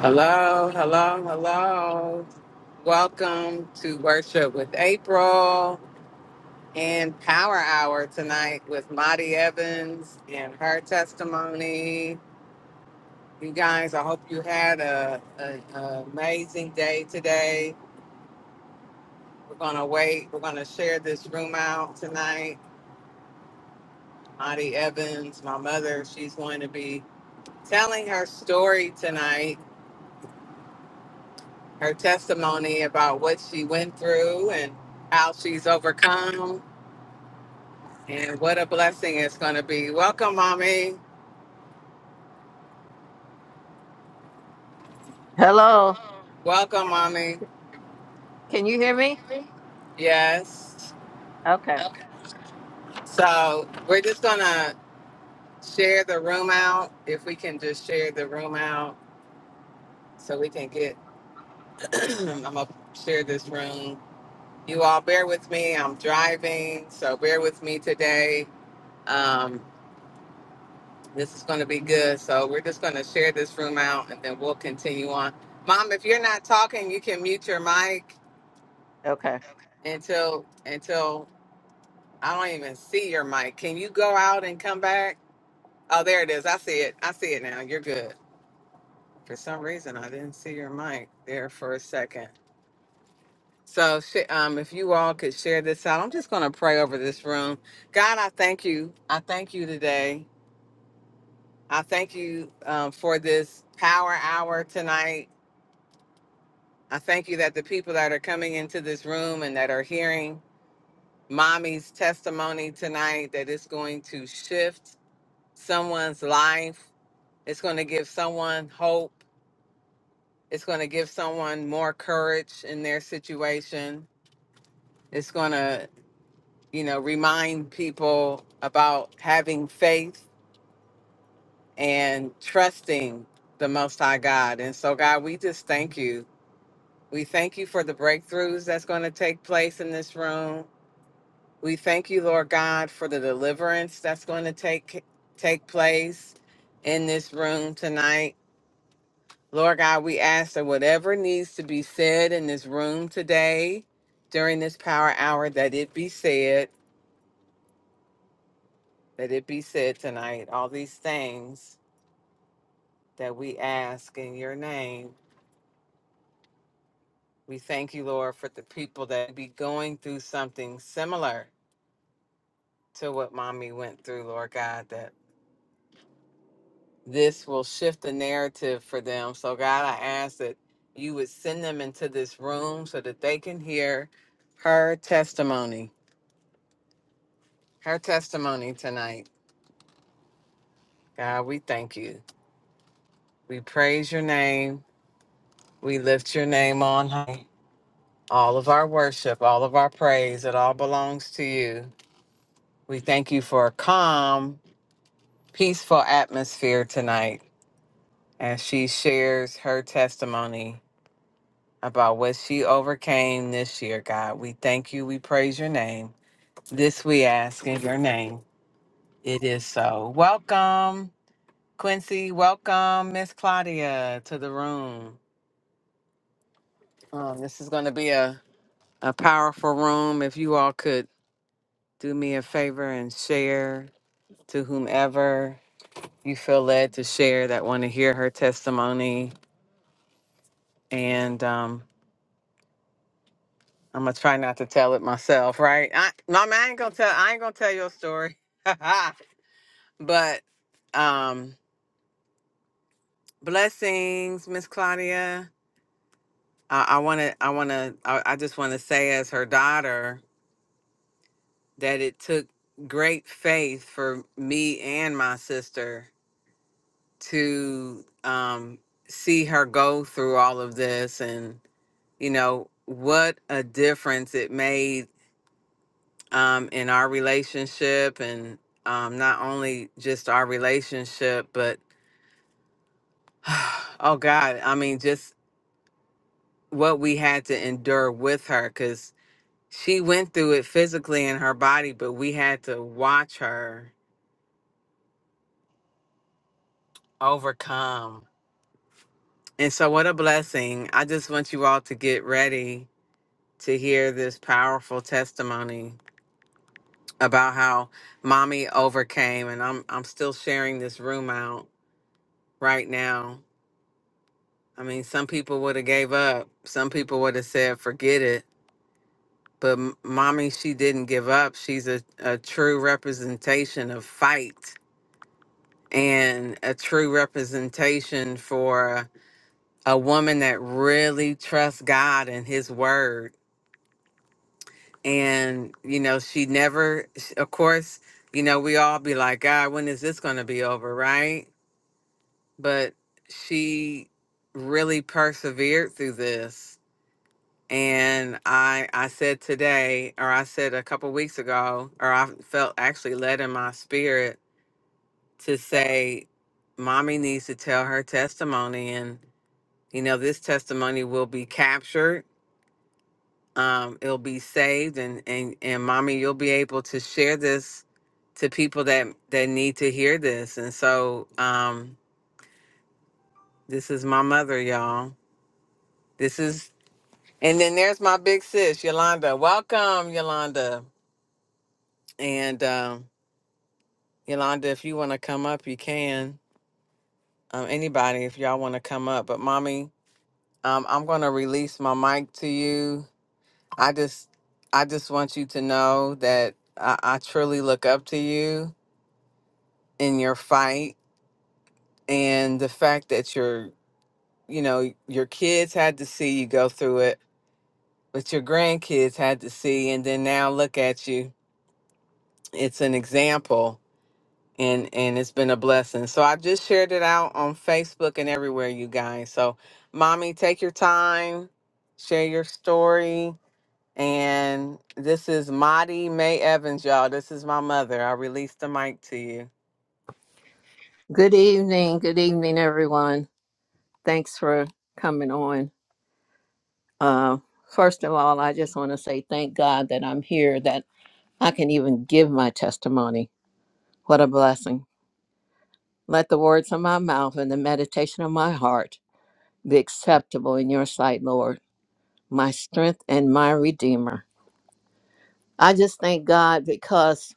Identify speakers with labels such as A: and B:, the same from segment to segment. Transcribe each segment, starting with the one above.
A: Hello, hello, hello. Welcome to Worship with April and Power Hour tonight with Maddie Evans and her testimony. You guys, I hope you had a, a, a amazing day today. We're gonna wait. We're gonna share this room out tonight. Maddie Evans, my mother, she's going to be telling her story tonight, her testimony about what she went through and how she's overcome And what a blessing it's going to be. Welcome, mommy.
B: Hello.
A: Welcome, mommy.
B: Can you hear me?
A: Yes.
B: Okay.
A: So we're just going to share the room out. If we can just share the room out so we can get, I'm going to share this room. You all bear with me. I'm driving. So bear with me today. Um, this is going to be good. So we're just going to share this room out and then we'll continue on. Mom, if you're not talking, you can mute your mic
B: Okay.
A: until until I don't even see your mic. Can you go out and come back? Oh, there it is. I see it. I see it now. You're good. For some reason, I didn't see your mic there for a second. So, sh- um, if you all could share this out, I'm just going to pray over this room. God, I thank you. I thank you today. I thank you um, for this power hour tonight. I thank you that the people that are coming into this room and that are hearing mommy's testimony tonight, that it's going to shift someone's life It's going to give someone hope. It's going to give someone more courage in their situation. It's going to, you know, remind people about having faith and trusting the Most High God. And so, God, we just thank you. We thank you for the breakthroughs that's going to take place in this room. We thank you, Lord God, for the deliverance that's going to take take place in this room tonight. Lord God, we ask that whatever needs to be said in this room today during this power hour, that it be said, that it be said tonight. All these things that we ask in your name. We thank you, Lord, for the people that be going through something similar to what mommy went through, Lord God, that this will shift the narrative for them. So, God, I ask that you would send them into this room so that they can hear her testimony her testimony tonight. God, we thank you. We praise your name. We lift your name on high. All of our worship, all of our praise, it all belongs to you. We thank you for a calm, peaceful atmosphere tonight as she shares her testimony about what she overcame this year, God. We thank you. We praise your name. This we ask in your name. It is so. Welcome, Quincy. Welcome, Miss Claudia, to the room. Um, this is going to be a, a powerful room. If you all could do me a favor and share to whomever you feel led to share that want to hear her testimony. And um, I'm gonna try not to tell it myself, right? I, Mama, I ain't gonna tell. I ain't gonna tell your story. but um, blessings, Miss Claudia. I want to. I want to. I, wanna- I I just want to say, as her daughter. that it took great faith for me and my sister to um, see her go through all of this and you know what a difference it made um, in our relationship and um, not only just our relationship but oh god i mean just what we had to endure with her because she went through it physically in her body but we had to watch her overcome And so, what a blessing. I just want you all to get ready to hear this powerful testimony about how mommy overcame. And I'm, I'm still sharing this room out right now. I mean, some people would have gave up. Some people would have said, forget it. But m- mommy, she didn't give up. She's a, a true representation of fight and a true representation for a woman that really trusts God and his word and you know she never s- of course you know we all be like god when is this going to be over right but she really persevered through this and i i said today or i said a couple weeks ago or i felt actually led in my spirit to say mommy needs to tell her testimony and you know this testimony will be captured um, it'll be saved and and and mommy you'll be able to share this to people that that need to hear this and so um this is my mother y'all this is and then there's my big sis yolanda welcome yolanda and um yolanda if you want to come up you can um anybody if y'all want to come up but mommy um i'm gonna release my mic to you i just i just want you to know that i, I truly look up to you in your fight and the fact that your you know your kids had to see you go through it but your grandkids had to see and then now look at you it's an example and and it's been a blessing so i just shared it out on facebook and everywhere you guys so mommy take your time share your story and this is Maddie May Evans, y'all. This is my mother. I released the mic to you.
B: Good evening. Good evening, everyone. Thanks for coming on. Uh, first of all, I just want to say thank God that I'm here, that I can even give my testimony. What a blessing. Let the words of my mouth and the meditation of my heart be acceptable in your sight, Lord, my strength and my redeemer. I just thank God because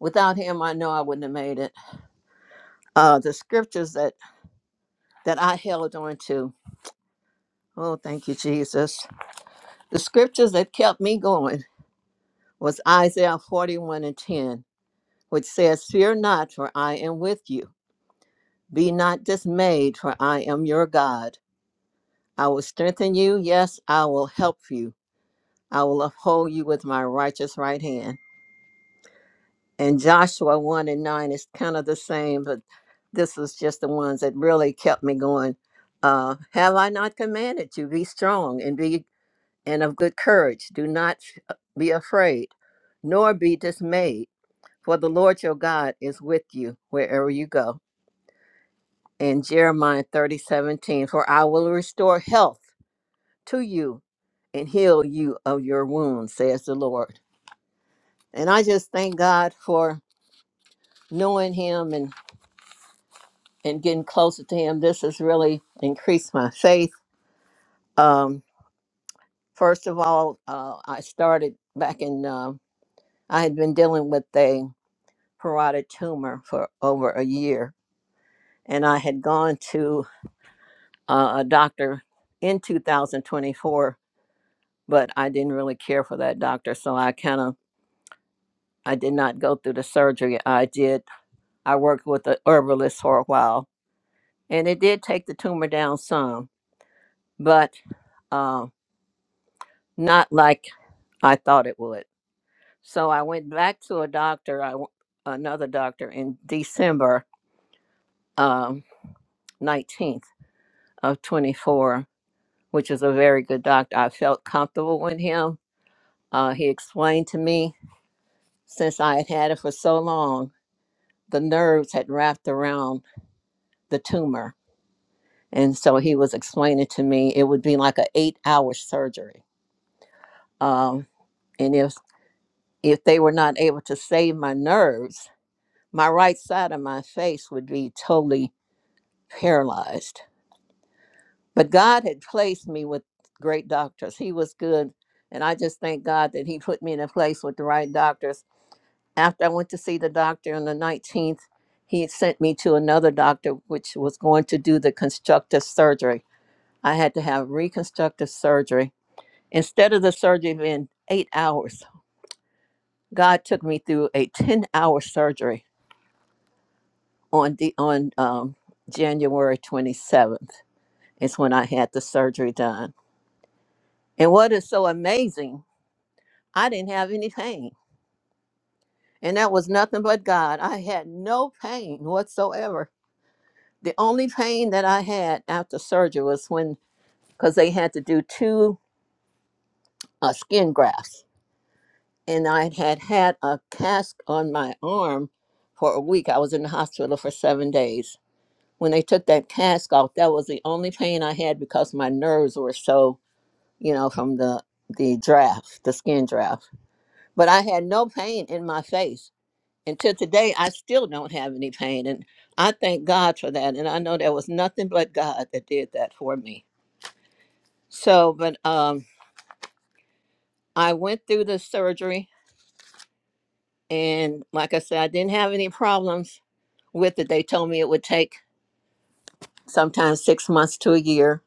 B: without him, I know I wouldn't have made it. Uh, the scriptures that, that I held on to Oh, thank you, Jesus. The scriptures that kept me going was Isaiah 41 and 10, which says, Fear not, for I am with you. Be not dismayed, for I am your God. I will strengthen you. Yes, I will help you. I will uphold you with my righteous right hand. And Joshua 1 and 9 is kind of the same, but this was just the ones that really kept me going. Uh, Have I not commanded you? Be strong and be and of good courage. Do not be afraid, nor be dismayed, for the Lord your God is with you wherever you go. And Jeremiah thirty seventeen, for I will restore health to you and heal you of your wounds, says the Lord. And I just thank God for knowing him and, and getting closer to him. This has really increased my faith. Um, first of all, uh, I started back in, um I had been dealing with a parotid tumor for over a year. And I had gone to uh, a doctor in 2024, but I didn't really care for that doctor. So I kind of, I did not go through the surgery. I did, I worked with the herbalist for a while and it did take the tumor down some, but uh, not like I thought it would. So I went back to a doctor, I, w- another doctor in December um, 19th of 24 which is a very good doctor. I felt comfortable with him. Uh, he explained to me, since I had had it for so long, the nerves had wrapped around the tumor. And so he was explaining to me it would be like an eight hour surgery. Um, and if, if they were not able to save my nerves, my right side of my face would be totally paralyzed. But God had placed me with great doctors. He was good. And I just thank God that He put me in a place with the right doctors after I went to see the doctor on the 19th, he had sent me to another doctor, which was going to do the constructive surgery. I had to have reconstructive surgery. Instead of the surgery being eight hours, God took me through a 10 hour surgery on, the, on um, January 27th, is when I had the surgery done. And what is so amazing, I didn't have any pain. And that was nothing but God. I had no pain whatsoever the only pain that I had after surgery was when, because they had to do two uh, skin grafts, and I had had a cast on my arm for a week. I was in the hospital for seven days. When they took that cast off, that was the only pain I had because my nerves were so, you know, from the the draft, the skin draft. But I had no pain in my face. Until today, I still don't have any pain. And I thank God for that. And I know there was nothing but God that did that for me. So, but um, I went through the surgery, and like I said, I didn't have any problems with it. They told me it would take sometimes six months to a year.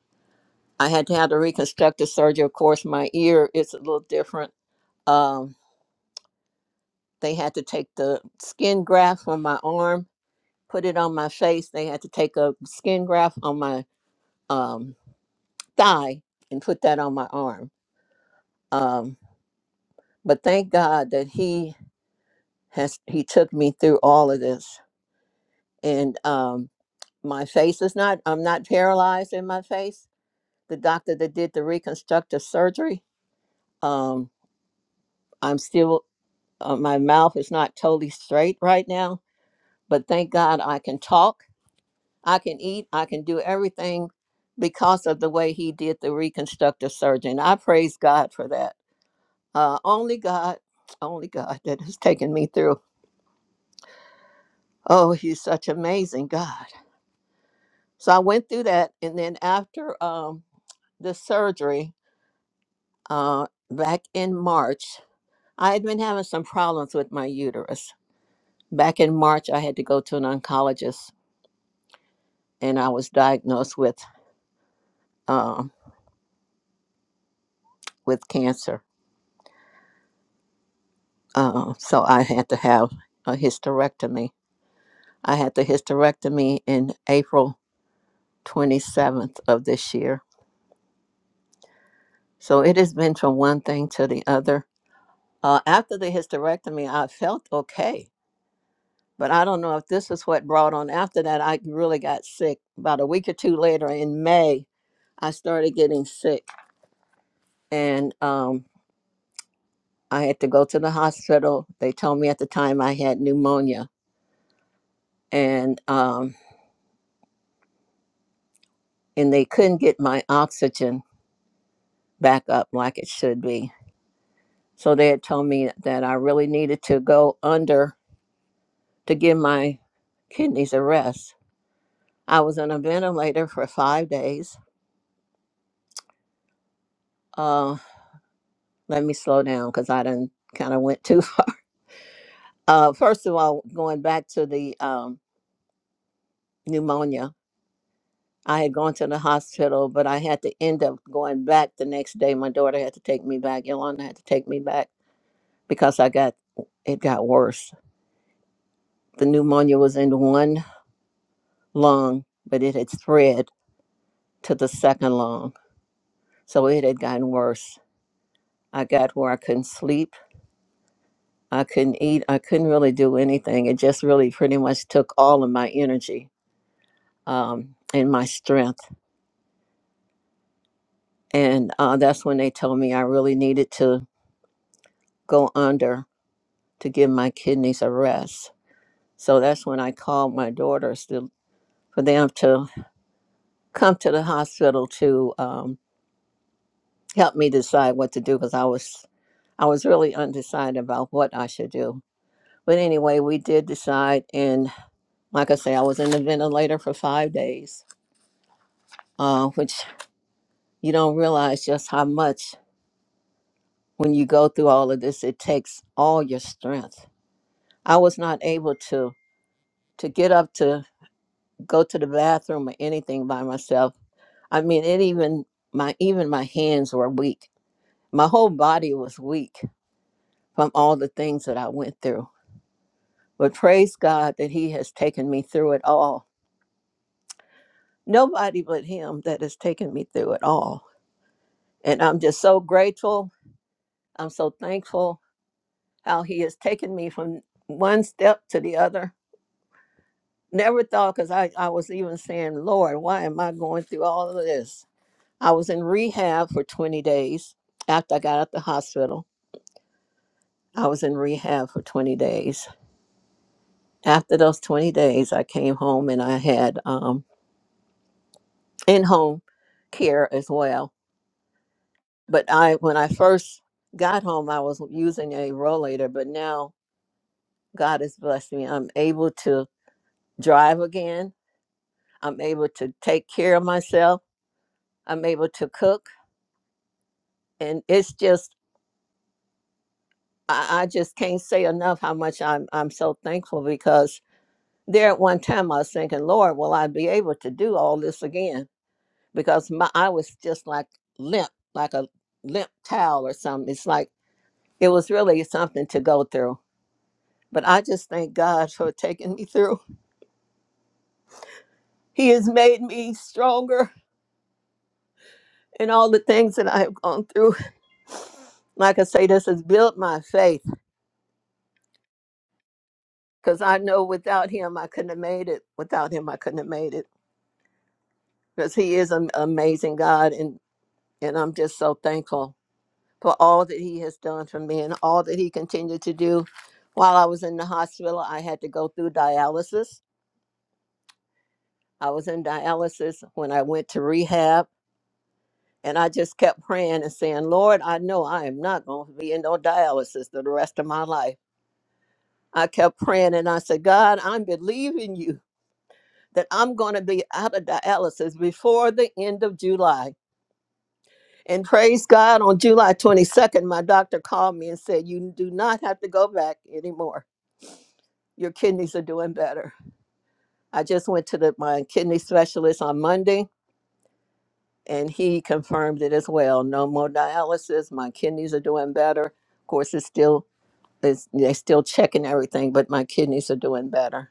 B: I had to have the reconstructive surgery. Of course, my ear is a little different. Um, they had to take the skin graft from my arm, put it on my face. They had to take a skin graft on my um, thigh and put that on my arm. Um, but thank God that he has he took me through all of this and um, my face is not i'm not paralyzed in my face the doctor that did the reconstructive surgery um i'm still uh, my mouth is not totally straight right now but thank god i can talk i can eat i can do everything because of the way he did the reconstructive surgery and i praise god for that uh only god only god that has taken me through oh he's such amazing god so i went through that and then after um the surgery uh, back in March, I had been having some problems with my uterus. Back in March, I had to go to an oncologist, and I was diagnosed with um, with cancer. Uh, so I had to have a hysterectomy. I had the hysterectomy in April 27th of this year. So it has been from one thing to the other. Uh, after the hysterectomy, I felt okay But I don't know if this is what brought on after that. I really got sick about a week or two later in May. I started getting sick and um, I had to go to the hospital. They told me at the time I had pneumonia and um, and they couldn't get my oxygen back up like it should be. So they had told me that I really needed to go under to give my kidneys a rest. I was on a ventilator for five days. Uh, let me slow down because I didn't kind of went too far. Uh, first of all, going back to the um, pneumonia, I had gone to the hospital, but I had to end up going back the next day. My daughter had to take me back. Yolanda had to take me back because I got it got worse. The pneumonia was in one lung, but it had spread to the second lung, so it had gotten worse. I got where I couldn't sleep, I couldn't eat, I couldn't really do anything. It just really pretty much took all of my energy um, and my strength. and uh, that's when they told me I really needed to go under to give my kidneys a rest. So that's when I called my daughters to, for them to come to the hospital to um, help me decide what to do because I was I was really undecided about what I should do. But anyway, we did decide, and like I say, I was in the ventilator for five days, uh, which you don't realize just how much when you go through all of this, it takes all your strength. I was not able to to get up to go to the bathroom or anything by myself. I mean, it even my even my hands were weak. My whole body was weak from all the things that I went through. But praise God that He has taken me through it all. Nobody but Him that has taken me through it all. And I'm just so grateful. I'm so thankful how He has taken me from one step to the other. Never thought, because I, I was even saying, Lord, why am I going through all of this? I was in rehab for 20 days after I got out the hospital. I was in rehab for 20 days. After those 20 days, I came home and I had um, in-home care as well. But I, when I first got home, I was using a rollator. But now God has blessed me. I'm able to drive again. I'm able to take care of myself. I'm able to cook, and it's just I, I just can't say enough how much I'm I'm so thankful because there at one time I was thinking, Lord, will I be able to do all this again? Because my I was just like limp, like a limp towel or something. It's like it was really something to go through. But I just thank God for taking me through. He has made me stronger in all the things that I have gone through. Like I say, this has built my faith because I know without him I couldn't have made it. Without him I couldn't have made it because he is an amazing God, and and I'm just so thankful for all that he has done for me and all that he continued to do. While I was in the hospital, I had to go through dialysis. I was in dialysis when I went to rehab, and I just kept praying and saying, Lord, I know I am not going to be in no dialysis for the rest of my life. I kept praying and I said, God, I'm believing you that I'm going to be out of dialysis before the end of July. And praise God, on July 22nd, my doctor called me and said, You do not have to go back anymore your kidneys are doing better. I just went to the, my kidney specialist on Monday and he confirmed it as well. No more dialysis. My kidneys are doing better. Of course, it's still it's, they're still checking everything, but my kidneys are doing better.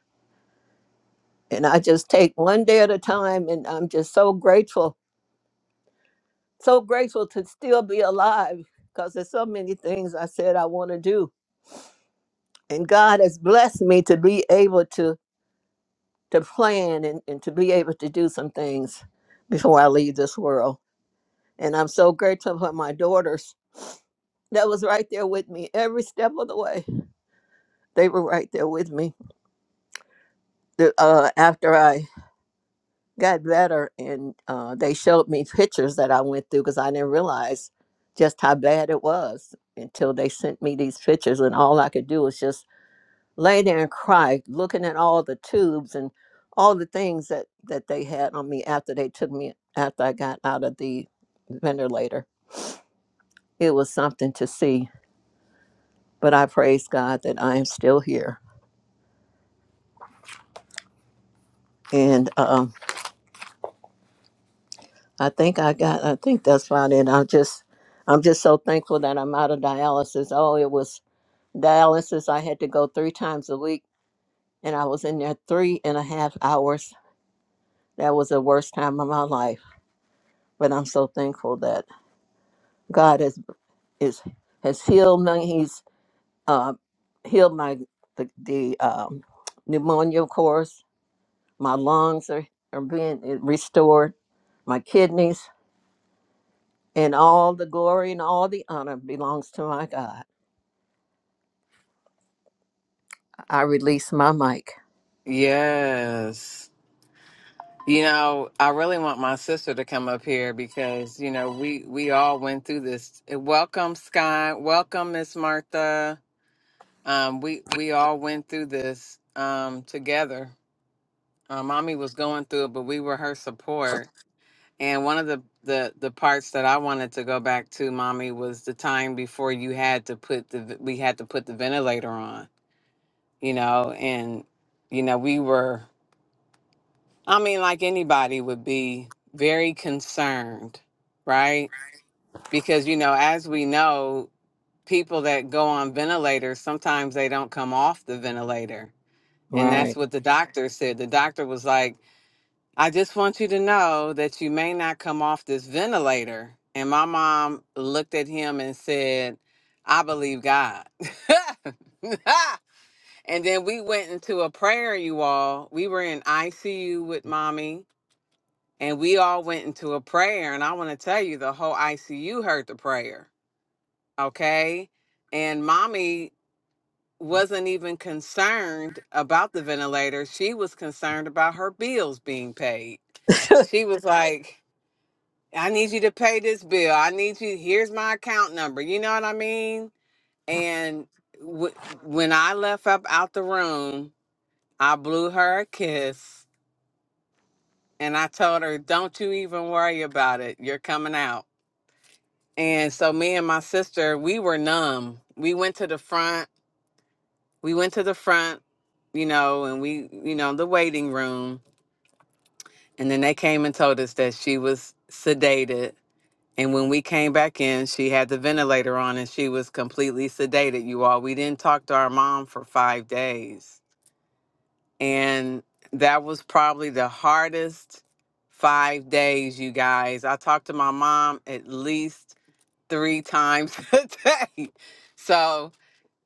B: And I just take one day at a time, and I'm just so grateful, so grateful to still be alive because there's so many things I said I want to do, and God has blessed me to be able to to plan and, and to be able to do some things before I leave this world. And I'm so grateful for my daughters that was right there with me every step of the way. They were right there with me. The, uh, after I got better and uh, they showed me pictures that I went through because I didn't realize just how bad it was until they sent me these pictures. And all I could do was just lay there and cry, looking at all the tubes and all the things that that they had on me after they took me after I got out of the ventilator. It was something to see, but I praise God that I am still here, and um, I think I got. I think that's about it. I'm just, I'm just so thankful that I'm out of dialysis. Oh, it was dialysis. I had to go three times a week, and I was in there three and a half hours. That was the worst time of my life, but I'm so thankful that God has. is has healed me. He's uh, healed my the, the um, pneumonia, of course. My lungs are, are being restored. My kidneys and all the glory and all the honor belongs to my God. I release my mic.
A: Yes. You know, I really want my sister to come up here because you know we we all went through this. Eh, Welcome, Sky. Welcome, Miss Martha. Um, we we all went through this um, together. Uh, mommy was going through it, but we were her support. And one of the the the parts that I wanted to go back to, mommy, was the time before you had to put the we had to put the ventilator on. You know, and you know we were. I mean, like anybody would be very concerned, right? Because, you know, as we know, people that go on ventilators, sometimes they don't come off the ventilator. And that's
B: Right.
A: what the doctor said. The doctor was like, I just want you to know that you may not come off this ventilator. And my mom looked at him and said, I believe God. and then we went into a prayer, you all. We were in ICU with mommy and we all went into a prayer and i want to tell you the whole icu heard the prayer okay and mommy wasn't even concerned about the ventilator she was concerned about her bills being paid she was like i need you to pay this bill i need you here's my account number you know what i mean and w- when i left up out the room i blew her a kiss and i told her don't you even worry about it you're coming out And so me and my sister, we were numb. We went to the front. We went to the front, you know, and we, you know, the waiting room. And then they came and told us that she was sedated. And when we came back in, she had the ventilator on and she was completely sedated, you all. We didn't talk to our mom for five days. And that was probably the hardest five days, you guys. I talked to my mom at least three times a day. So,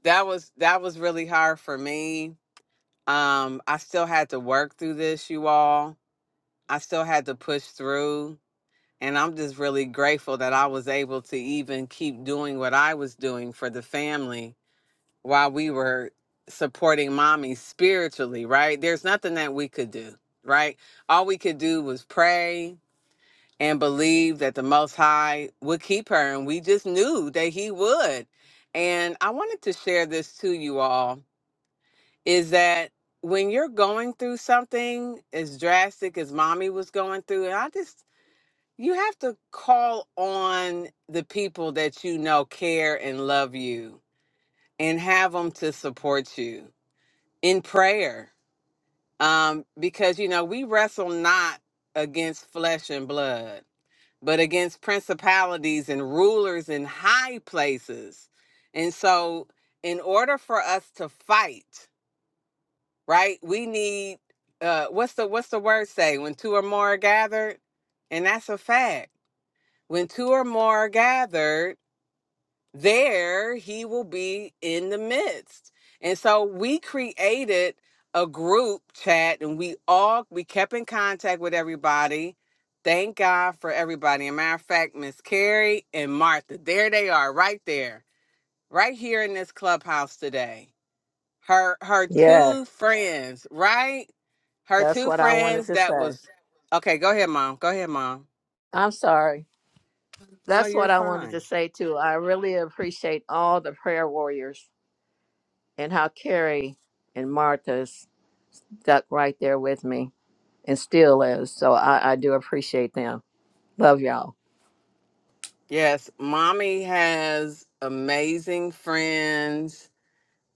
A: that was that was really hard for me. Um, I still had to work through this, you all. I still had to push through, and I'm just really grateful that I was able to even keep doing what I was doing for the family while we were supporting mommy spiritually, right? There's nothing that we could do, right? All we could do was pray and believe that the most high would keep her and we just knew that he would. And I wanted to share this to you all is that when you're going through something as drastic as mommy was going through, and I just, you have to call on the people that you know care and love you and have them to support you in prayer. Um, because, you know, we wrestle not against flesh and blood, but against principalities and rulers in high places. And so, in order for us to fight, right? We need uh what's the what's the word say when two or more are gathered? And that's a fact. When two or more are gathered, there he will be in the midst. And so we created a group chat and we all we kept in contact with everybody. Thank God for everybody. And matter of fact, Miss Carrie and Martha, there they are, right there, right here in this clubhouse today her her
B: Yes,
A: two friends, right? Her
B: that's
A: two
B: what I wanted
A: friends
B: to
A: that
B: say.
A: was okay, go ahead, mom. Go ahead, mom.
B: I'm sorry.
A: No,
B: That's what
A: you're
B: I wanted
A: fine.
B: to say too. I really appreciate all the prayer warriors and how Carrie and Martha stuck right there with me. and still is. So I, I do appreciate them. Love y'all.
A: Yes, mommy has amazing friends.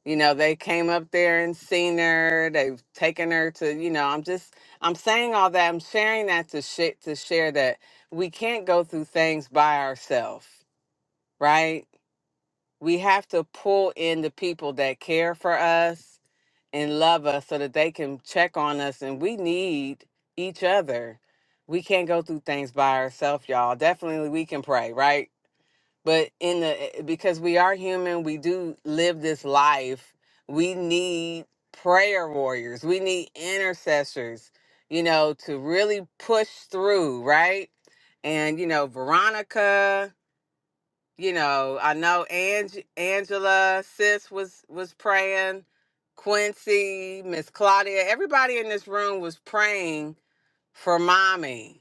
A: You know, they came up there and seen her. They've taken her to, you know, I'm just I'm saying all that. I'm sharing that to shit to share that we can't go through things by ourselves, right? we have to pull in the people that care for us and love us so that they can check on us and we need each other we can't go through things by ourselves y'all definitely we can pray right but in the eh, because we are human we do live this life we need prayer warriors we need intercessors you know to really push through right and you know veronica you know, I know Ange- Angela, sis was was praying, Quincy, Miss Claudia, everybody in this room was praying for mommy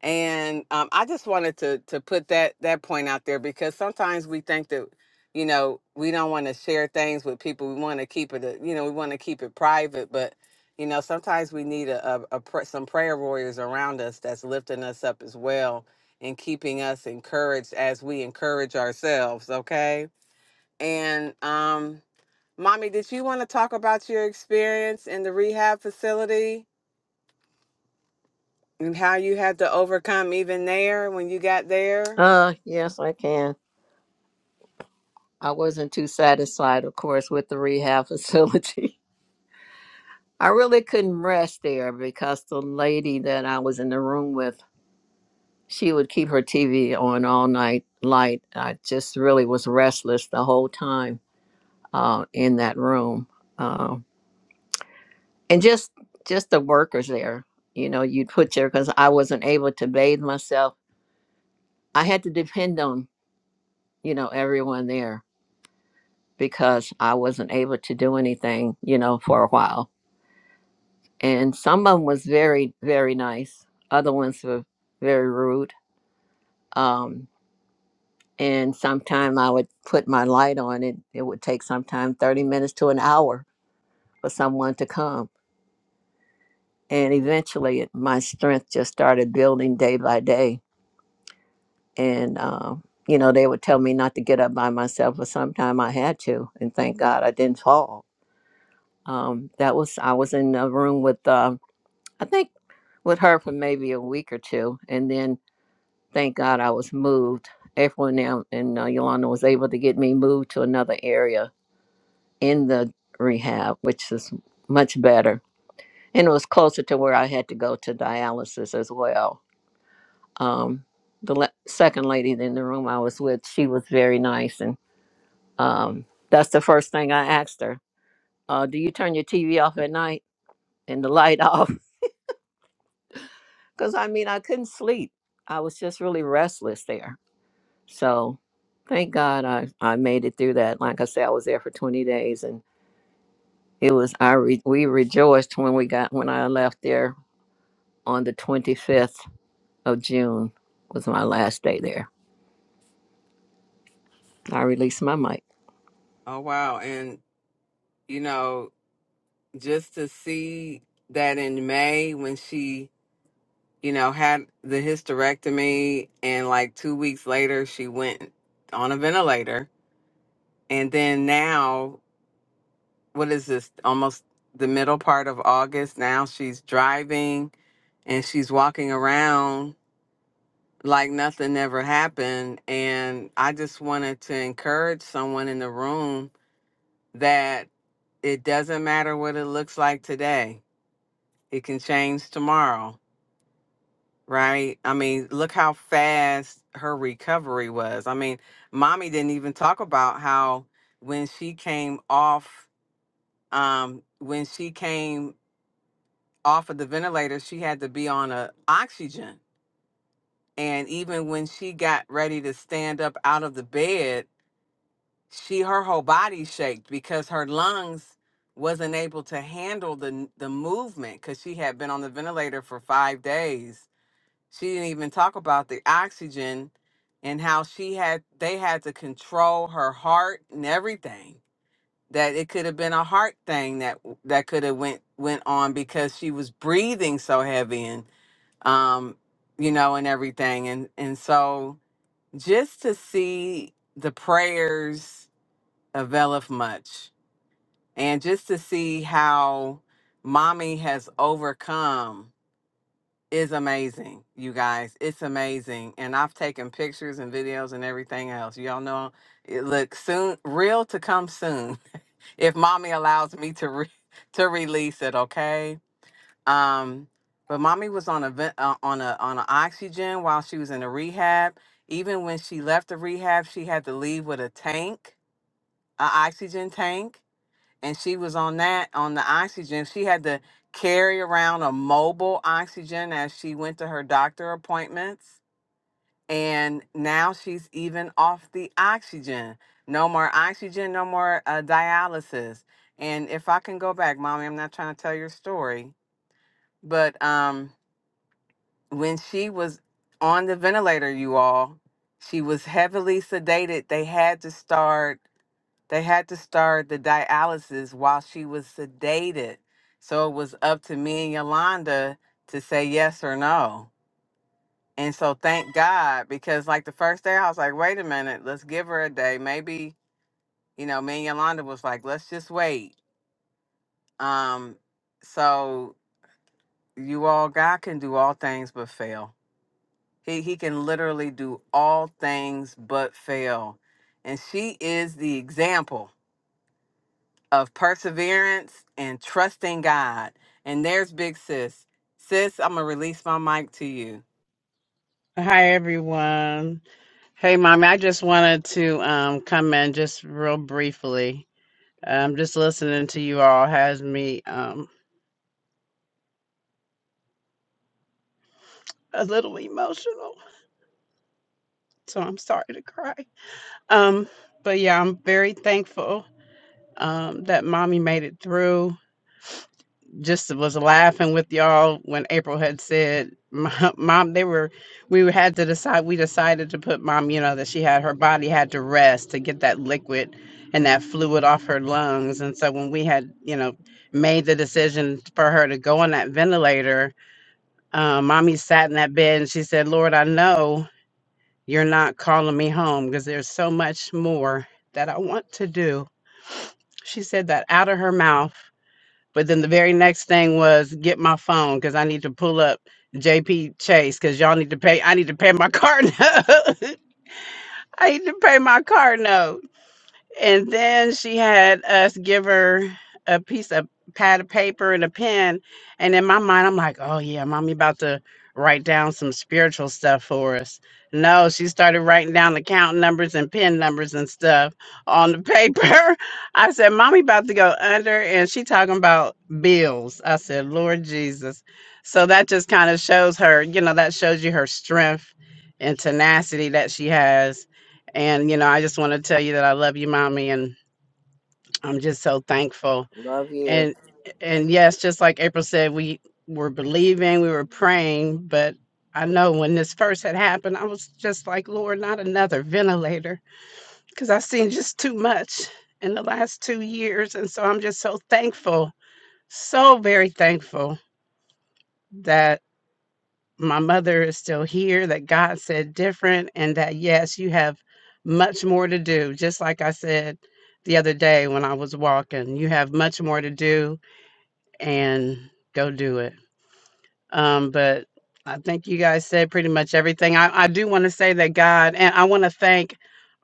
A: and um, I just wanted to to put that that point out there because sometimes we think that you know we don't want to share things with people. We want to keep it, a- you know, we want to keep it private. But you know, sometimes we need a, a, a pr- some prayer warriors around us that's lifting us up as well and keeping us encouraged as we encourage ourselves. Okay, and um, mommy, did you want to talk about your experience in the rehab facility? And how you had to overcome even there when you got there?
B: Uh yes, I can. I wasn't too satisfied, of course, with the rehab facility. I really couldn't rest there because the lady that I was in the room with, she would keep her TV on all night light. I just really was restless the whole time uh, in that room, um, and just just the workers there. You know, you'd put your because I wasn't able to bathe myself. I had to depend on you know, everyone there because I wasn't able to do anything, you know, for a while. And some of them was very, very nice. Other ones were very rude. Um, and sometime I would put my light on it. It would take sometime 30 minutes to an hour for someone to come. And eventually it, my strength just started building day by day. And, um, you know, they would tell me not to get up by myself, but sometime I had to. And thank God I didn't fall Um, that was I was in a room with uh, I think with her for maybe a week or two, and then thank God I was moved. Everyone now and uh, Yolanda was able to get me moved to another area in the rehab, which is much better, and it was closer to where I had to go to dialysis as well. Um, the le- second lady in the room I was with, she was very nice, and um, that's the first thing I asked her. Uh, do you turn your TV off at night and the light off? because I mean, I couldn't sleep. I was just really restless there. So thank God I, I made it through that. Like I said, I was there for 20 days and it was, I re, we rejoiced when we got, when I left there on the 25th of June was my last day there. I released my mic.
A: Oh wow. And you know, just to see that in May when she, you know, had the hysterectomy and like 2 weeks later she went on a ventilator and then now what is this almost the middle part of August now she's driving and she's walking around like nothing ever happened and I just wanted to encourage someone in the room that it doesn't matter what it looks like today It can change tomorrow, right? I mean, look how fast her recovery was. I mean, mommy didn't even talk about how when she came off, um, when she came off of the ventilator, she had to be on a oxygen. And even when she got ready to stand up out of the bed, she her whole body shaked because her lungs wasn't able to handle the the movement because she had been on the ventilator for five days she didn't even talk about the oxygen and how she had they had to control her heart and everything that it could have been a heart thing that that could have went went on because she was breathing so heavy and um you know and everything and and so just to see the prayers availeth much and just to see how mommy has overcome is amazing, you guys. It's amazing. And I've taken pictures and videos and everything else. Y'all know it looks soon real to come soon. if mommy allows me to re- to release it, okay? Um but mommy was on a vent- uh, on a on a oxygen while she was in a rehab. Even when she left the rehab, she had to leave with a tank, a oxygen tank and she was on that on the oxygen. She had to carry around a mobile oxygen as she went to her doctor appointments. And now she's even off the oxygen. No more oxygen, no more uh, dialysis. And if I can go back, mommy, I'm not trying to tell your story, but um, when she was on the ventilator, you all, she was heavily sedated. They had to start they had to start the dialysis while she was sedated. So it was up to me and Yolanda to say yes or no. And so thank God, because like the first day I was like, wait a minute, let's give her a day. Maybe, you know, me and Yolanda was like, let's just wait. Um, so you all, God can do all things but fail. He he can literally do all things but fail. And she is the example. of perseverance and trusting God. And there's Big Sis. Sis, I'm going to release my mic to you.
C: Hi everyone. Hey mommy, I just wanted to um come in just real briefly. Um just listening to you all has me um a little emotional. So I'm sorry to cry. Um but yeah, I'm very thankful um that mommy made it through. just was laughing with y'all when April had said, "Mom, Mom," they were, we had to decide. We decided to put Mom, you know, that she had her body had to rest to get that liquid and that fluid off her lungs. And so when we had, you know, made the decision for her to go on that ventilator, uh, Mommy sat in that bed and she said, "Lord, I know you're not calling me home because there's so much more that I want to do." She said that out of her mouth but then the very next thing was get my phone because I need to pull up JP Chase because y'all need to pay. I need to pay my car note. I need to pay my car note. And then she had us give her a piece of pad of paper and a pen. And in my mind, I'm like, oh yeah, mommy about to write down some spiritual stuff for us. No, she started writing down account numbers and pin numbers and stuff on the paper. I said, Mommy about to go under and she talking about bills. I said, Lord Jesus. So that just kind of shows her, you know, that shows you her strength and tenacity that she has and you know, I just want to tell you that I love you, mommy, and I'm just so thankful.
B: Love you.
C: And and yes, just like April said, we were believing, we were praying, but I know when this first had happened, I was just like, Lord, not another ventilator, because I've seen just too much in the last two years, and so I'm just so thankful, so very thankful that. my mother is still here, that God said different, and that yes, you have much more to do. Just like I said the other day when I was walking, you have much more to do and go do it. Um, but I think you guys said pretty much everything. I, I do want to say that God, and I want to thank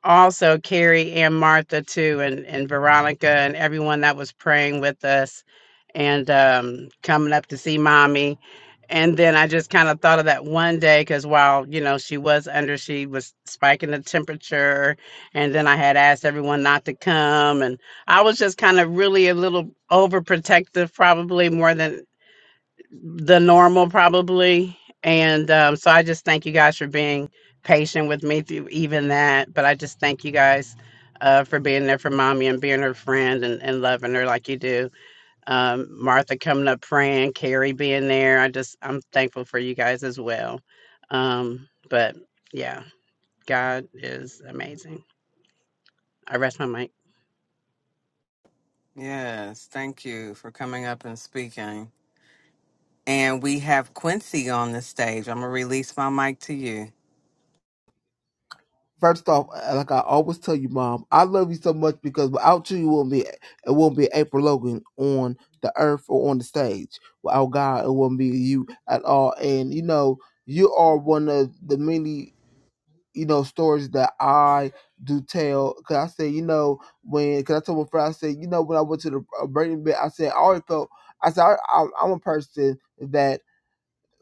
C: also Carrie and Martha too, and, and Veronica and everyone that was praying with us and um, coming up to see mommy. And then I just kind of thought of that one day because while, you know, she was under, she was spiking the temperature. And then I had asked everyone not to come. And I was just kind of really a little overprotective, probably more than the normal probably and um, so i just thank you guys for being patient with me through even that but i just thank you guys uh, for being there for mommy and being her friend and, and loving her like you do um, martha coming up praying carrie being there i just i'm thankful for you guys as well um, but yeah god is amazing i rest my mic
A: Yes, thank you for coming up and speaking. And we have Quincy on the stage. I'm going to release my mic to you.
D: First off, like I always tell you, Mom, I love you so much because without you, it won't be it won't be April Logan on the earth or on the stage. Without God, it won't be you at all. And you know, you are one of the many you know stories that I do tell. Cause I say, you know, when cause I told my friend, I said, you know, when I went to the uh, Brady bit, I said I always felt. I said I, I, I'm a person that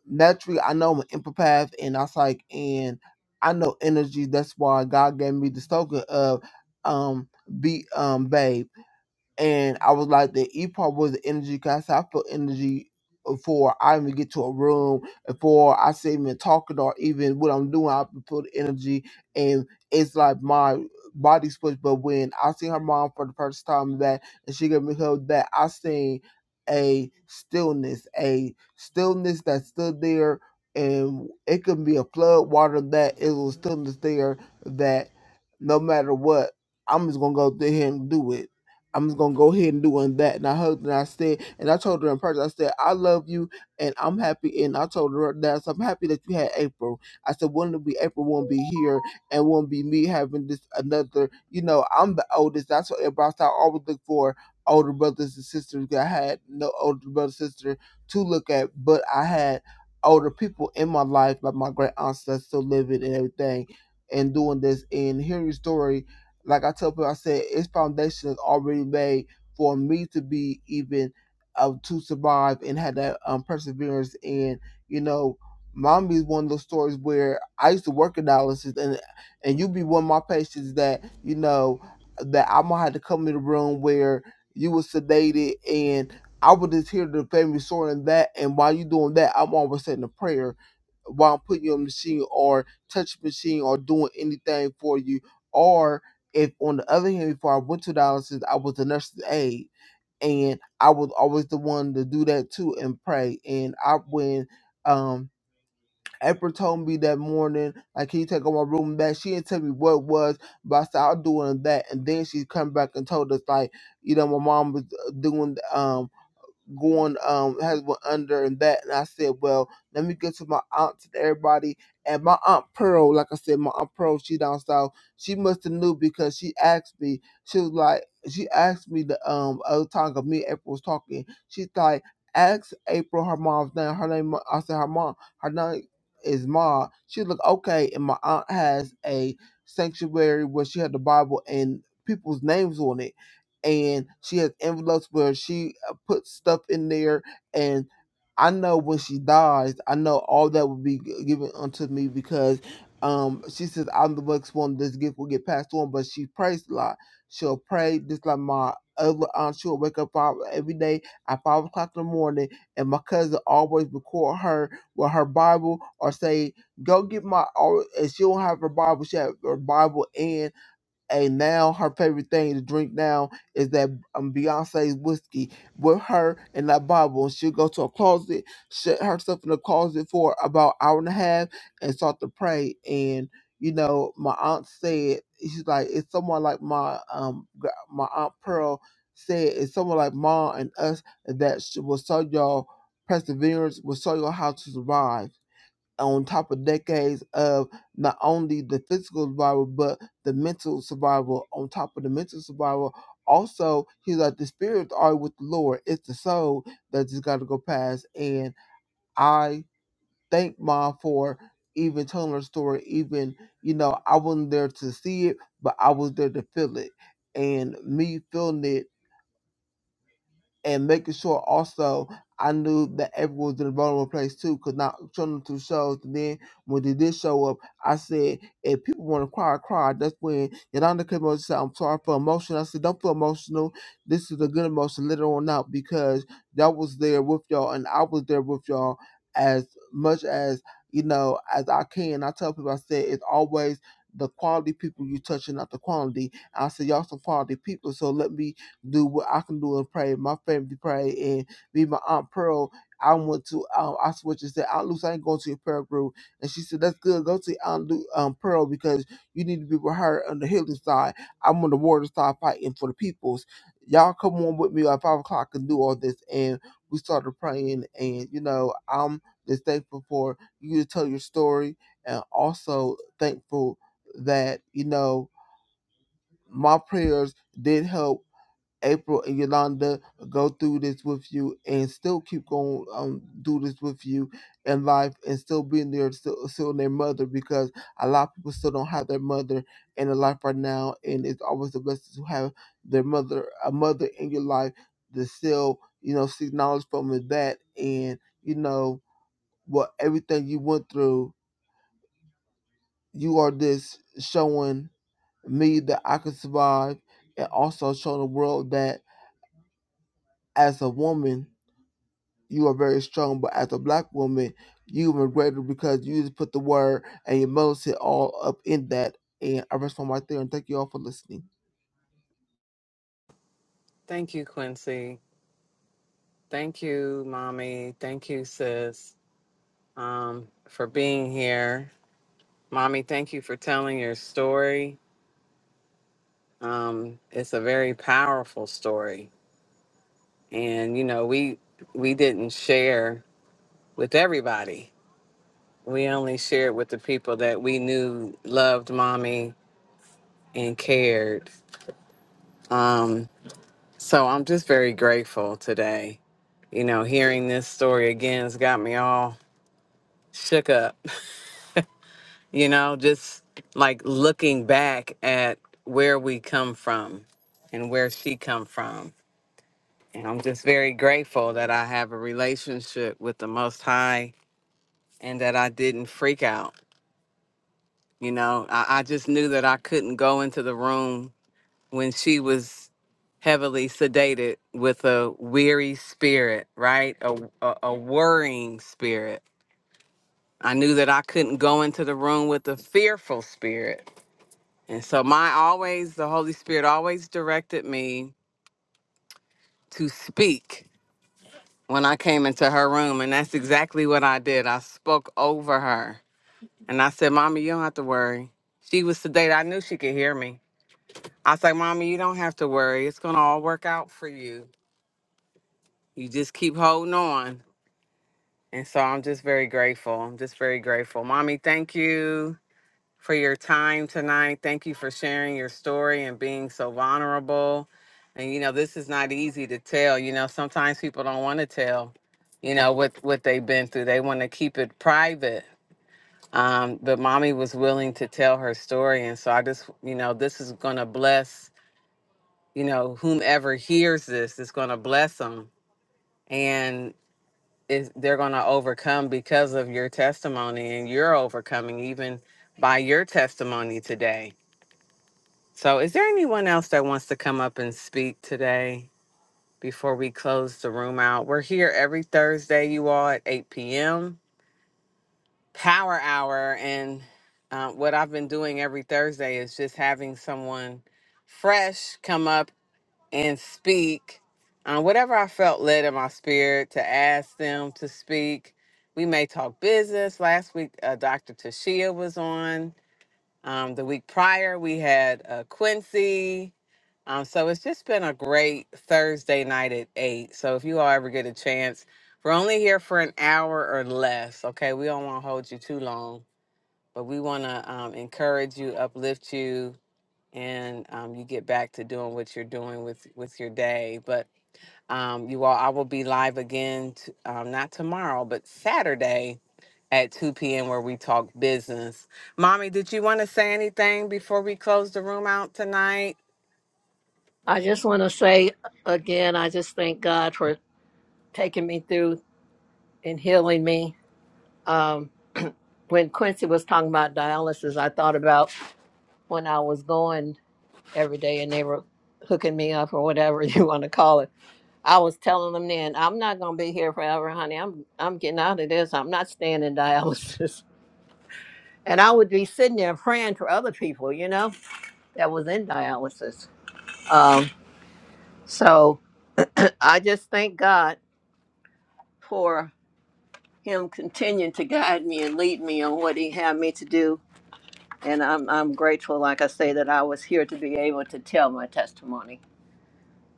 D: naturally I know I'm an empath and I was like and I know energy. That's why God gave me this token of um be um babe and I was like, the E part was the energy because I felt energy before I even get to a room, before I say even talking or even what I'm doing, I put energy, and it's like my body switch. But when I seen her mom for the first time that, and she gave me her that, I seen a stillness, a stillness that's still there, and it could be a flood water that it was stillness there that no matter what, I'm just gonna go through here and do it I'm just gonna go ahead and do on that. And I hugged her and I said, and I told her in person, I said, I love you and I'm happy. And I told her that I'm happy that you had April. I said, wouldn't it be April won't be here and won't be me having this another, you know, I'm the oldest. That's what everybody I always look for older brothers and sisters. I had no older brother sister to look at, but I had older people in my life, like my great aunts that's still living and everything and doing this and hearing your story like I tell people, I said its foundation is already made for me to be even uh, to survive and have that um, perseverance. And you know, mommy is one of those stories where I used to work in dialysis, and and you be one of my patients that you know that I'm gonna have to come in the room where you were sedated and. I would just hear the family story and that, and while you doing that, I'm always saying a prayer while I'm putting you on the machine or touch machine or doing anything for you. or. If on the other hand, before I went to dialysis, I was the nurse's aide, and I was always the one to do that too and pray. And I when um April told me that morning, like, can you take all my room back? She didn't tell me what it was, but I said I'll do it and that. And then she come back and told us like, you know, my mom was uh, doing. Um, going um has went under and that and I said, Well, let me get to my aunt and everybody and my aunt Pearl, like I said, my aunt Pearl, she down south, she must have knew because she asked me, she was like she asked me the um other time 'cause me and April was talking, she's like, ask April her mom's name, her name I said her mom, her name is Ma. She looked Okay, and my aunt has a sanctuary where she had the Bible and people's names on it and she has envelopes where she put stuff in there and I know when she dies, I know all that will be g- given unto me because um she says I'm the next one this gift will get passed on, but she prays a lot. She'll pray just like my other aunt, she'll wake up five every day at five o'clock in the morning and my cousin always record her with her Bible or say, Go get my or and she don't have her Bible, she have her Bible and and now her favorite thing to drink now is that um, Beyonce's whiskey with her in that bottle. And she'll go to a closet, shut herself in the closet for about an hour and a half, and start to pray. And you know, my aunt said she's like it's someone like my um gr- my aunt Pearl said it's someone like mom and us that sh- will show y'all perseverance, will show you all how to survive on top of decades of not only the physical survival but the mental survival on top of the mental survival also he's like the spirits are with the lord it's the soul that just got to go past and i thank mom for even telling her story even you know i wasn't there to see it but i was there to feel it and me feeling it and making sure also I knew that everyone was in a vulnerable place too, because now showing them two shows. And then when they did show up, I said, if people want to cry, cry. That's when Yolanda came over and said, I'm sorry for emotion. I said, don't feel emotional. This is a good emotion later on out because y'all was there with y'all and I was there with y'all as much as, you know, as I can. I tell people, I said, it's always the quality people you touching, not the quantity. I said, y'all some quality people, so let me do what I can do and pray. My family pray and me, and my aunt Pearl. I went to um, I switched and said, Aunt Luce, I ain't going to your prayer group. And she said, That's good. Go to Aunt Lu- um, Pearl because you need to be with her on the healing side. I'm on the water side fighting for the peoples. Y'all come on with me at five o'clock and do all this. And we started praying. And you know, I'm just thankful for you to tell your story, and also thankful that you know my prayers did help April and Yolanda go through this with you and still keep going um do this with you in life and still being there still still their mother because a lot of people still don't have their mother in their life right now and it's always a blessing to have their mother a mother in your life to still, you know, seek knowledge from with that and you know what everything you went through, you are this showing me that I can survive and also showing the world that as a woman you are very strong. But as a black woman, you were greater because you just put the word and your mouth all up in that. And I rest my right there. And thank you all for listening.
A: Thank you, Quincy. Thank you, Mommy. Thank you, Sis, um, for being here. Mommy, thank you for telling your story. Um, it's a very powerful story. And, you know, we we didn't share with everybody. We only shared with the people that we knew loved mommy and cared. Um, so I'm just very grateful today. You know, hearing this story again has got me all shook up. You know, just like looking back at where we come from and where she come from. And I'm just very grateful that I have a relationship with the Most High and that I didn't freak out You know, I, I just knew that I couldn't go into the room when she was heavily sedated with a weary spirit, right? A, a, a worrying spirit. I knew that I couldn't go into the room with a fearful spirit. And so, my always, the Holy Spirit always directed me to speak when I came into her room. And that's exactly what I did. I spoke over her. And I said, Mommy, you don't have to worry. She was sedated. I knew she could hear me. I was like, Mommy, you don't have to worry. It's going to all work out for you. You just keep holding on. And so I'm just very grateful. I'm just very grateful. Mommy, thank you for your time tonight. Thank you for sharing your story and being so vulnerable. And, you know, this is not easy to tell. You know, sometimes people don't want to tell, you know, what, what they've been through, they want to keep it private. Um, but mommy was willing to tell her story. And so I just, you know, this is going to bless you know, whomever hears this is going to bless them and is they're going to overcome because of your testimony and you're overcoming even by your testimony today. So, is there anyone else that wants to come up and speak today before we close the room out? We're here every Thursday, you all, at 8 p.m. Power Hour. And uh, what I've been doing every Thursday is just having someone fresh come up and speak on whatever I felt led in my spirit to ask them to speak. We may talk business. Last week, uh, Dr. Tashia was on. Um, the week prior, we had uh, Quincy. Um, so it's just been a great Thursday night at 8. So if you all ever get a chance, we're only here for an hour or less. Okay. We don't want to hold you too long, but we want to um, encourage you, uplift you, and um, you get back to doing what you're doing with with your day. But um, you all, I will be live again, t- um, not tomorrow, but Saturday at 2 p.m. where we talk business. Mommy, did you want to say anything before we close the room out tonight?
B: I just want to say again, I just thank God for taking me through and healing me. Um, when Quincy was talking about dialysis, I thought about when I was going. every day and they were hooking me up or whatever you want to call it. I was telling them then, I'm not gonna be here forever, honey. I'm I'm getting out of this. I'm not staying in dialysis. And I would be sitting there praying for other people, you know, that was in dialysis. Um, so I just thank God for him continuing to guide me and lead me on what he had me to do. And I'm I'm grateful, like I say, that I was here to be able to tell my testimony.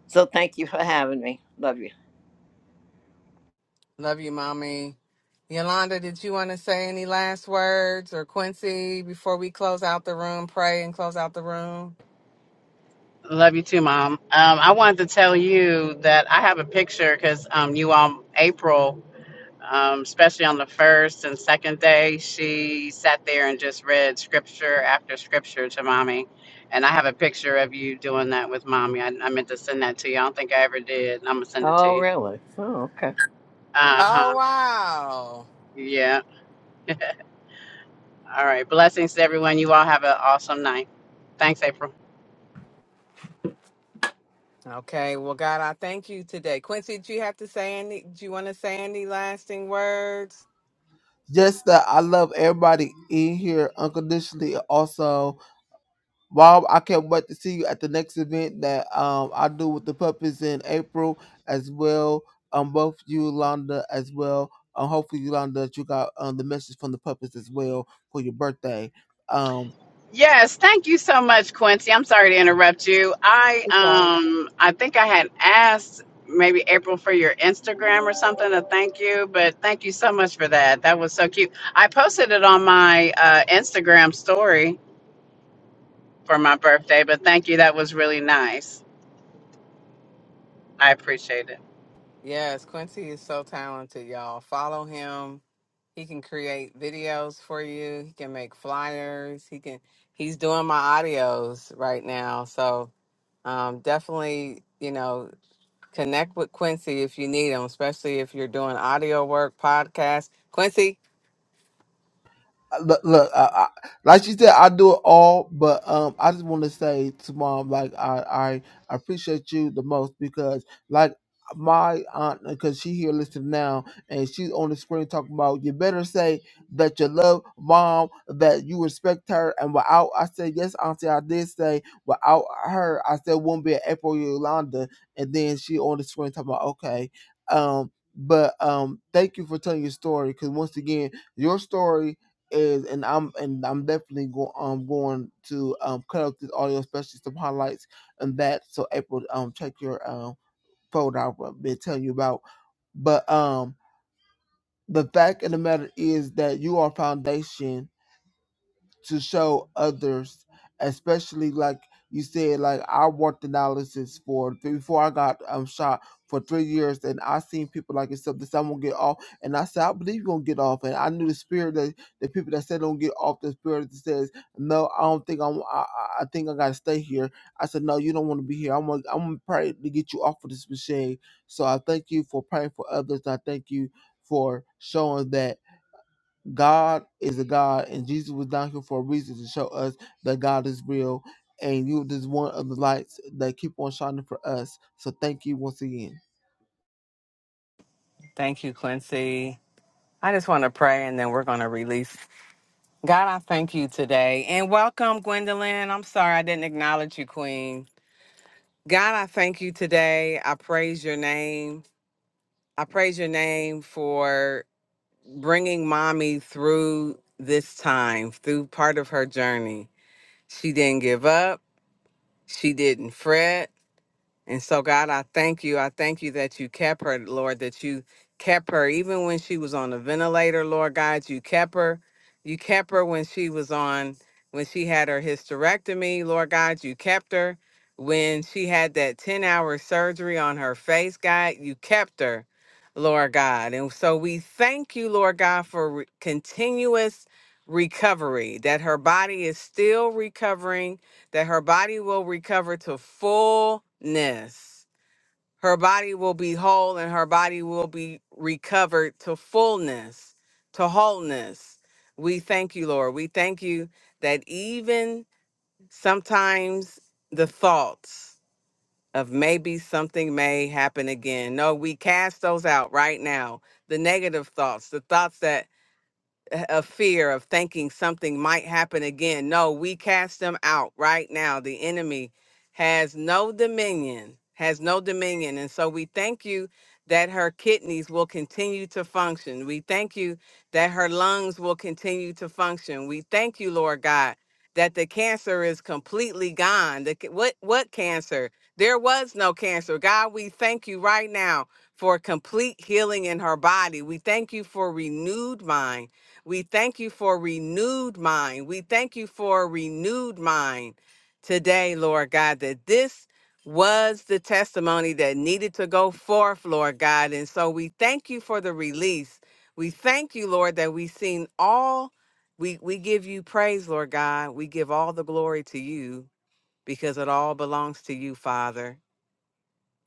B: So thank you for having me. Love you.
A: Love you, mommy. Yolanda, did you want to say any last words or Quincy before we close out the room? Pray and close out the room.
C: Love you too, Mom. Um, I wanted to tell you that I have a picture because um, you all, April, um, especially on the first and second day, she sat there and just read scripture after scripture to mommy. And I have a picture of you doing that with mommy. I, I meant to send that to you. I don't think I ever did. I'm going to send it to
B: Oh,
C: you.
B: really? Oh, okay.
C: Uh huh.
A: Oh wow.
C: Yeah. All right. Blessings to everyone. You all have an awesome night. Thanks, April.
A: Okay, well, God, I thank you today. Quincy, do you have to say any? Do you want to say any lasting words?
D: Just that I love everybody in here unconditionally. Also, Bob, I can't wait to see you at the next event that um I do with the puppies in April as well. Um, both you, Londa, as well. Um, hopefully, Yolanda, that you got um the message from the puppies as well for your birthday. Um,
C: Yes, thank you so much, Quincy. I'm sorry to interrupt you. I
D: it's all right.
C: um I think I had asked maybe April for your Instagram or something to thank you, but thank you so much for that. That was so cute. I posted it on my uh, Instagram story for my birthday, but thank you. That was really nice. I appreciate it.
A: Yes, Quincy is so talented, y'all. Follow him. He can create videos for you. He can make flyers. He can. He's doing my audios right now, so um, definitely, you know, connect with Quincy if you need him, especially if you're doing audio work, podcast. Quincy,
D: look, look I, I, like she said, I do it all, but um, I just want to say to mom, like I, I appreciate you the most because like my aunt, because she here listening now, and she's on the screen talking about you better say that you love mom, that you respect her, and without I said yes, auntie, I did say without her, I said wouldn't be an April Yolanda, and then she on the screen talking about okay, um. But um, thank you for telling your story. Because once again, your story is and I'm and I'm definitely go, um, going to um, cut out this audio, especially some highlights and that. So April, um, check your um folder. I've been telling you about, but um, the fact of the matter is that you are foundation to show others, especially like you said, like I worked analysis for before I got um shot for three years, and I seen people like yourself that said I'm gonna get off, and I said I believe you're gonna get off, and I knew the spirit that the people that said don't get off, the spirit that says no, I don't think I'm, I, I I think I gotta stay here. I said no, you don't want to be here. I'm gonna, I'm gonna pray to get you off of this machine. So I thank you for praying for others. I thank you for showing that. God is a God, and Jesus was down here for a reason to show us that God is real. And you this is one of the lights that keep on shining for us. So thank you once again.
A: thank you, Quincy. I just want to pray, and then we're going to release. God, I thank you today. And welcome, Gwendolyn. I'm sorry I didn't acknowledge you, Queen. God, I thank you today. I praise your name. I praise your name for bringing mommy through this time, through part of her journey. She didn't give up, she didn't fret. And so, God, I thank you. I thank you that you kept her, Lord, that you kept her even when she was on the ventilator, Lord God. You kept her. You kept her when she was on, when she had her hysterectomy, Lord God. You kept her. When she had that 10 hour surgery on her face, God, you kept her, Lord God. And so we thank you, Lord God, for re- continuous recovery, that her body is still recovering that her body will recover to fullness. Her body will be whole and her body will be recovered to fullness, to wholeness. We thank you, Lord. We thank you that even sometimes the thoughts of maybe something may happen again. No, we cast those out right now. The negative thoughts, the thoughts that a fear of thinking something might happen again. No, we cast them out right now. The enemy has no dominion, has no dominion. And so we thank you that her kidneys will continue to function. We thank you that her lungs will continue to function. We thank you, Lord God, that the cancer is completely gone. The, ca- what what cancer? There was no cancer. God, we thank you right now for complete healing in her body. We thank you for renewed mind. We thank you for renewed mind. We thank you for a renewed mind today, Lord God, that this was the testimony that needed to go forth, Lord God. And so we thank you for the release. We thank you, Lord, that we've seen all. We, we give you praise, Lord God. We give all the glory to you because it all belongs to you, Father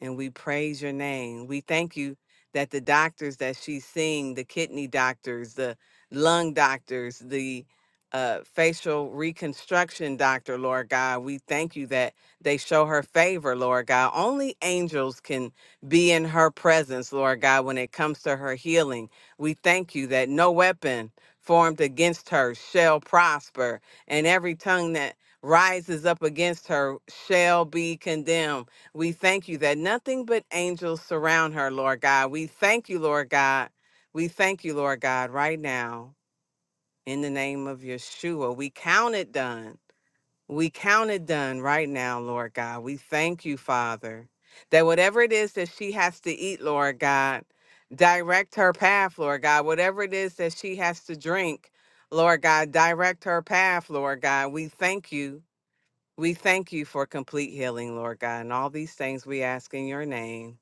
A: and we praise your name. We thank you that the doctors that she's seeing, the kidney doctors, the lung doctors, the uh, facial reconstruction doctor, Lord God, we thank you that they show her favor, Lord God. Only angels can be in her presence, Lord God, when it comes to her healing. We thank you that no weapon formed against her shall prosper, and every tongue that rises up against her shall be condemned. We thank you that nothing but angels surround her, Lord God. We thank you, Lord God. We thank you, Lord God, right now in the name of Yeshua. We count it done. We count it done right now, Lord God. We thank you, Father, that whatever it is that she has to eat, Lord God, direct her path, Lord God. Whatever it is that she has to drink, Lord God, direct her path, Lord God. We thank you. We thank you for complete healing, Lord God, and all these things we ask in your name.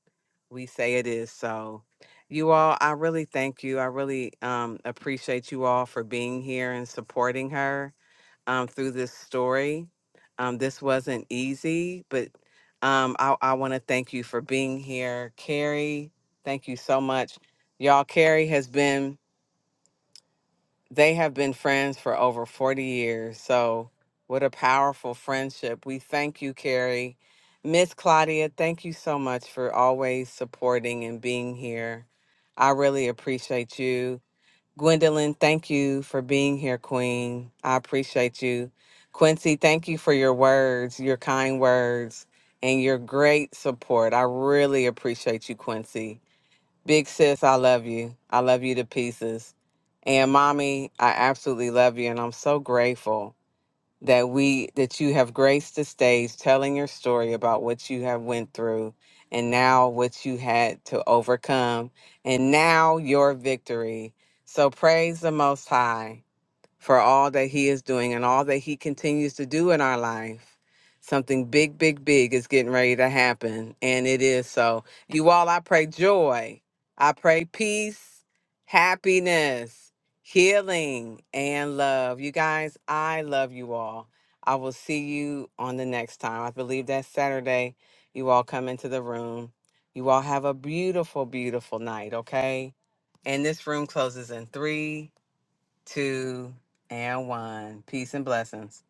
A: We say it is so. You all, I really thank you. I really um, appreciate you all for being here and supporting her um, through this story. Um, this wasn't easy, but um, I, I want to thank you for being here. Carrie, thank you so much. Y'all, Carrie has been they have been friends for over 40 years. So, what a powerful friendship. We thank you, Carrie. Miss Claudia, thank you so much for always supporting and being here. I really appreciate you. Gwendolyn, thank you for being here, Queen. I appreciate you. Quincy, thank you for your words, your kind words, and your great support. I really appreciate you, Quincy. Big sis, I love you. I love you to pieces. And mommy, I absolutely love you. And I'm so grateful that we that you have graced the stage telling your story about what you have went through and now what you had to overcome and now your victory. So praise the most high for all that He is doing and all that He continues to do in our life. Something big, big, big is getting ready to happen, and it is so. You all, I pray joy, I pray peace, happiness, healing, and love. You guys, I love you all. I will see you on the next time. I believe that's Saturday. You all come into the room. You all have a beautiful, beautiful night, okay? And this room closes in three two, and one. Peace and blessings.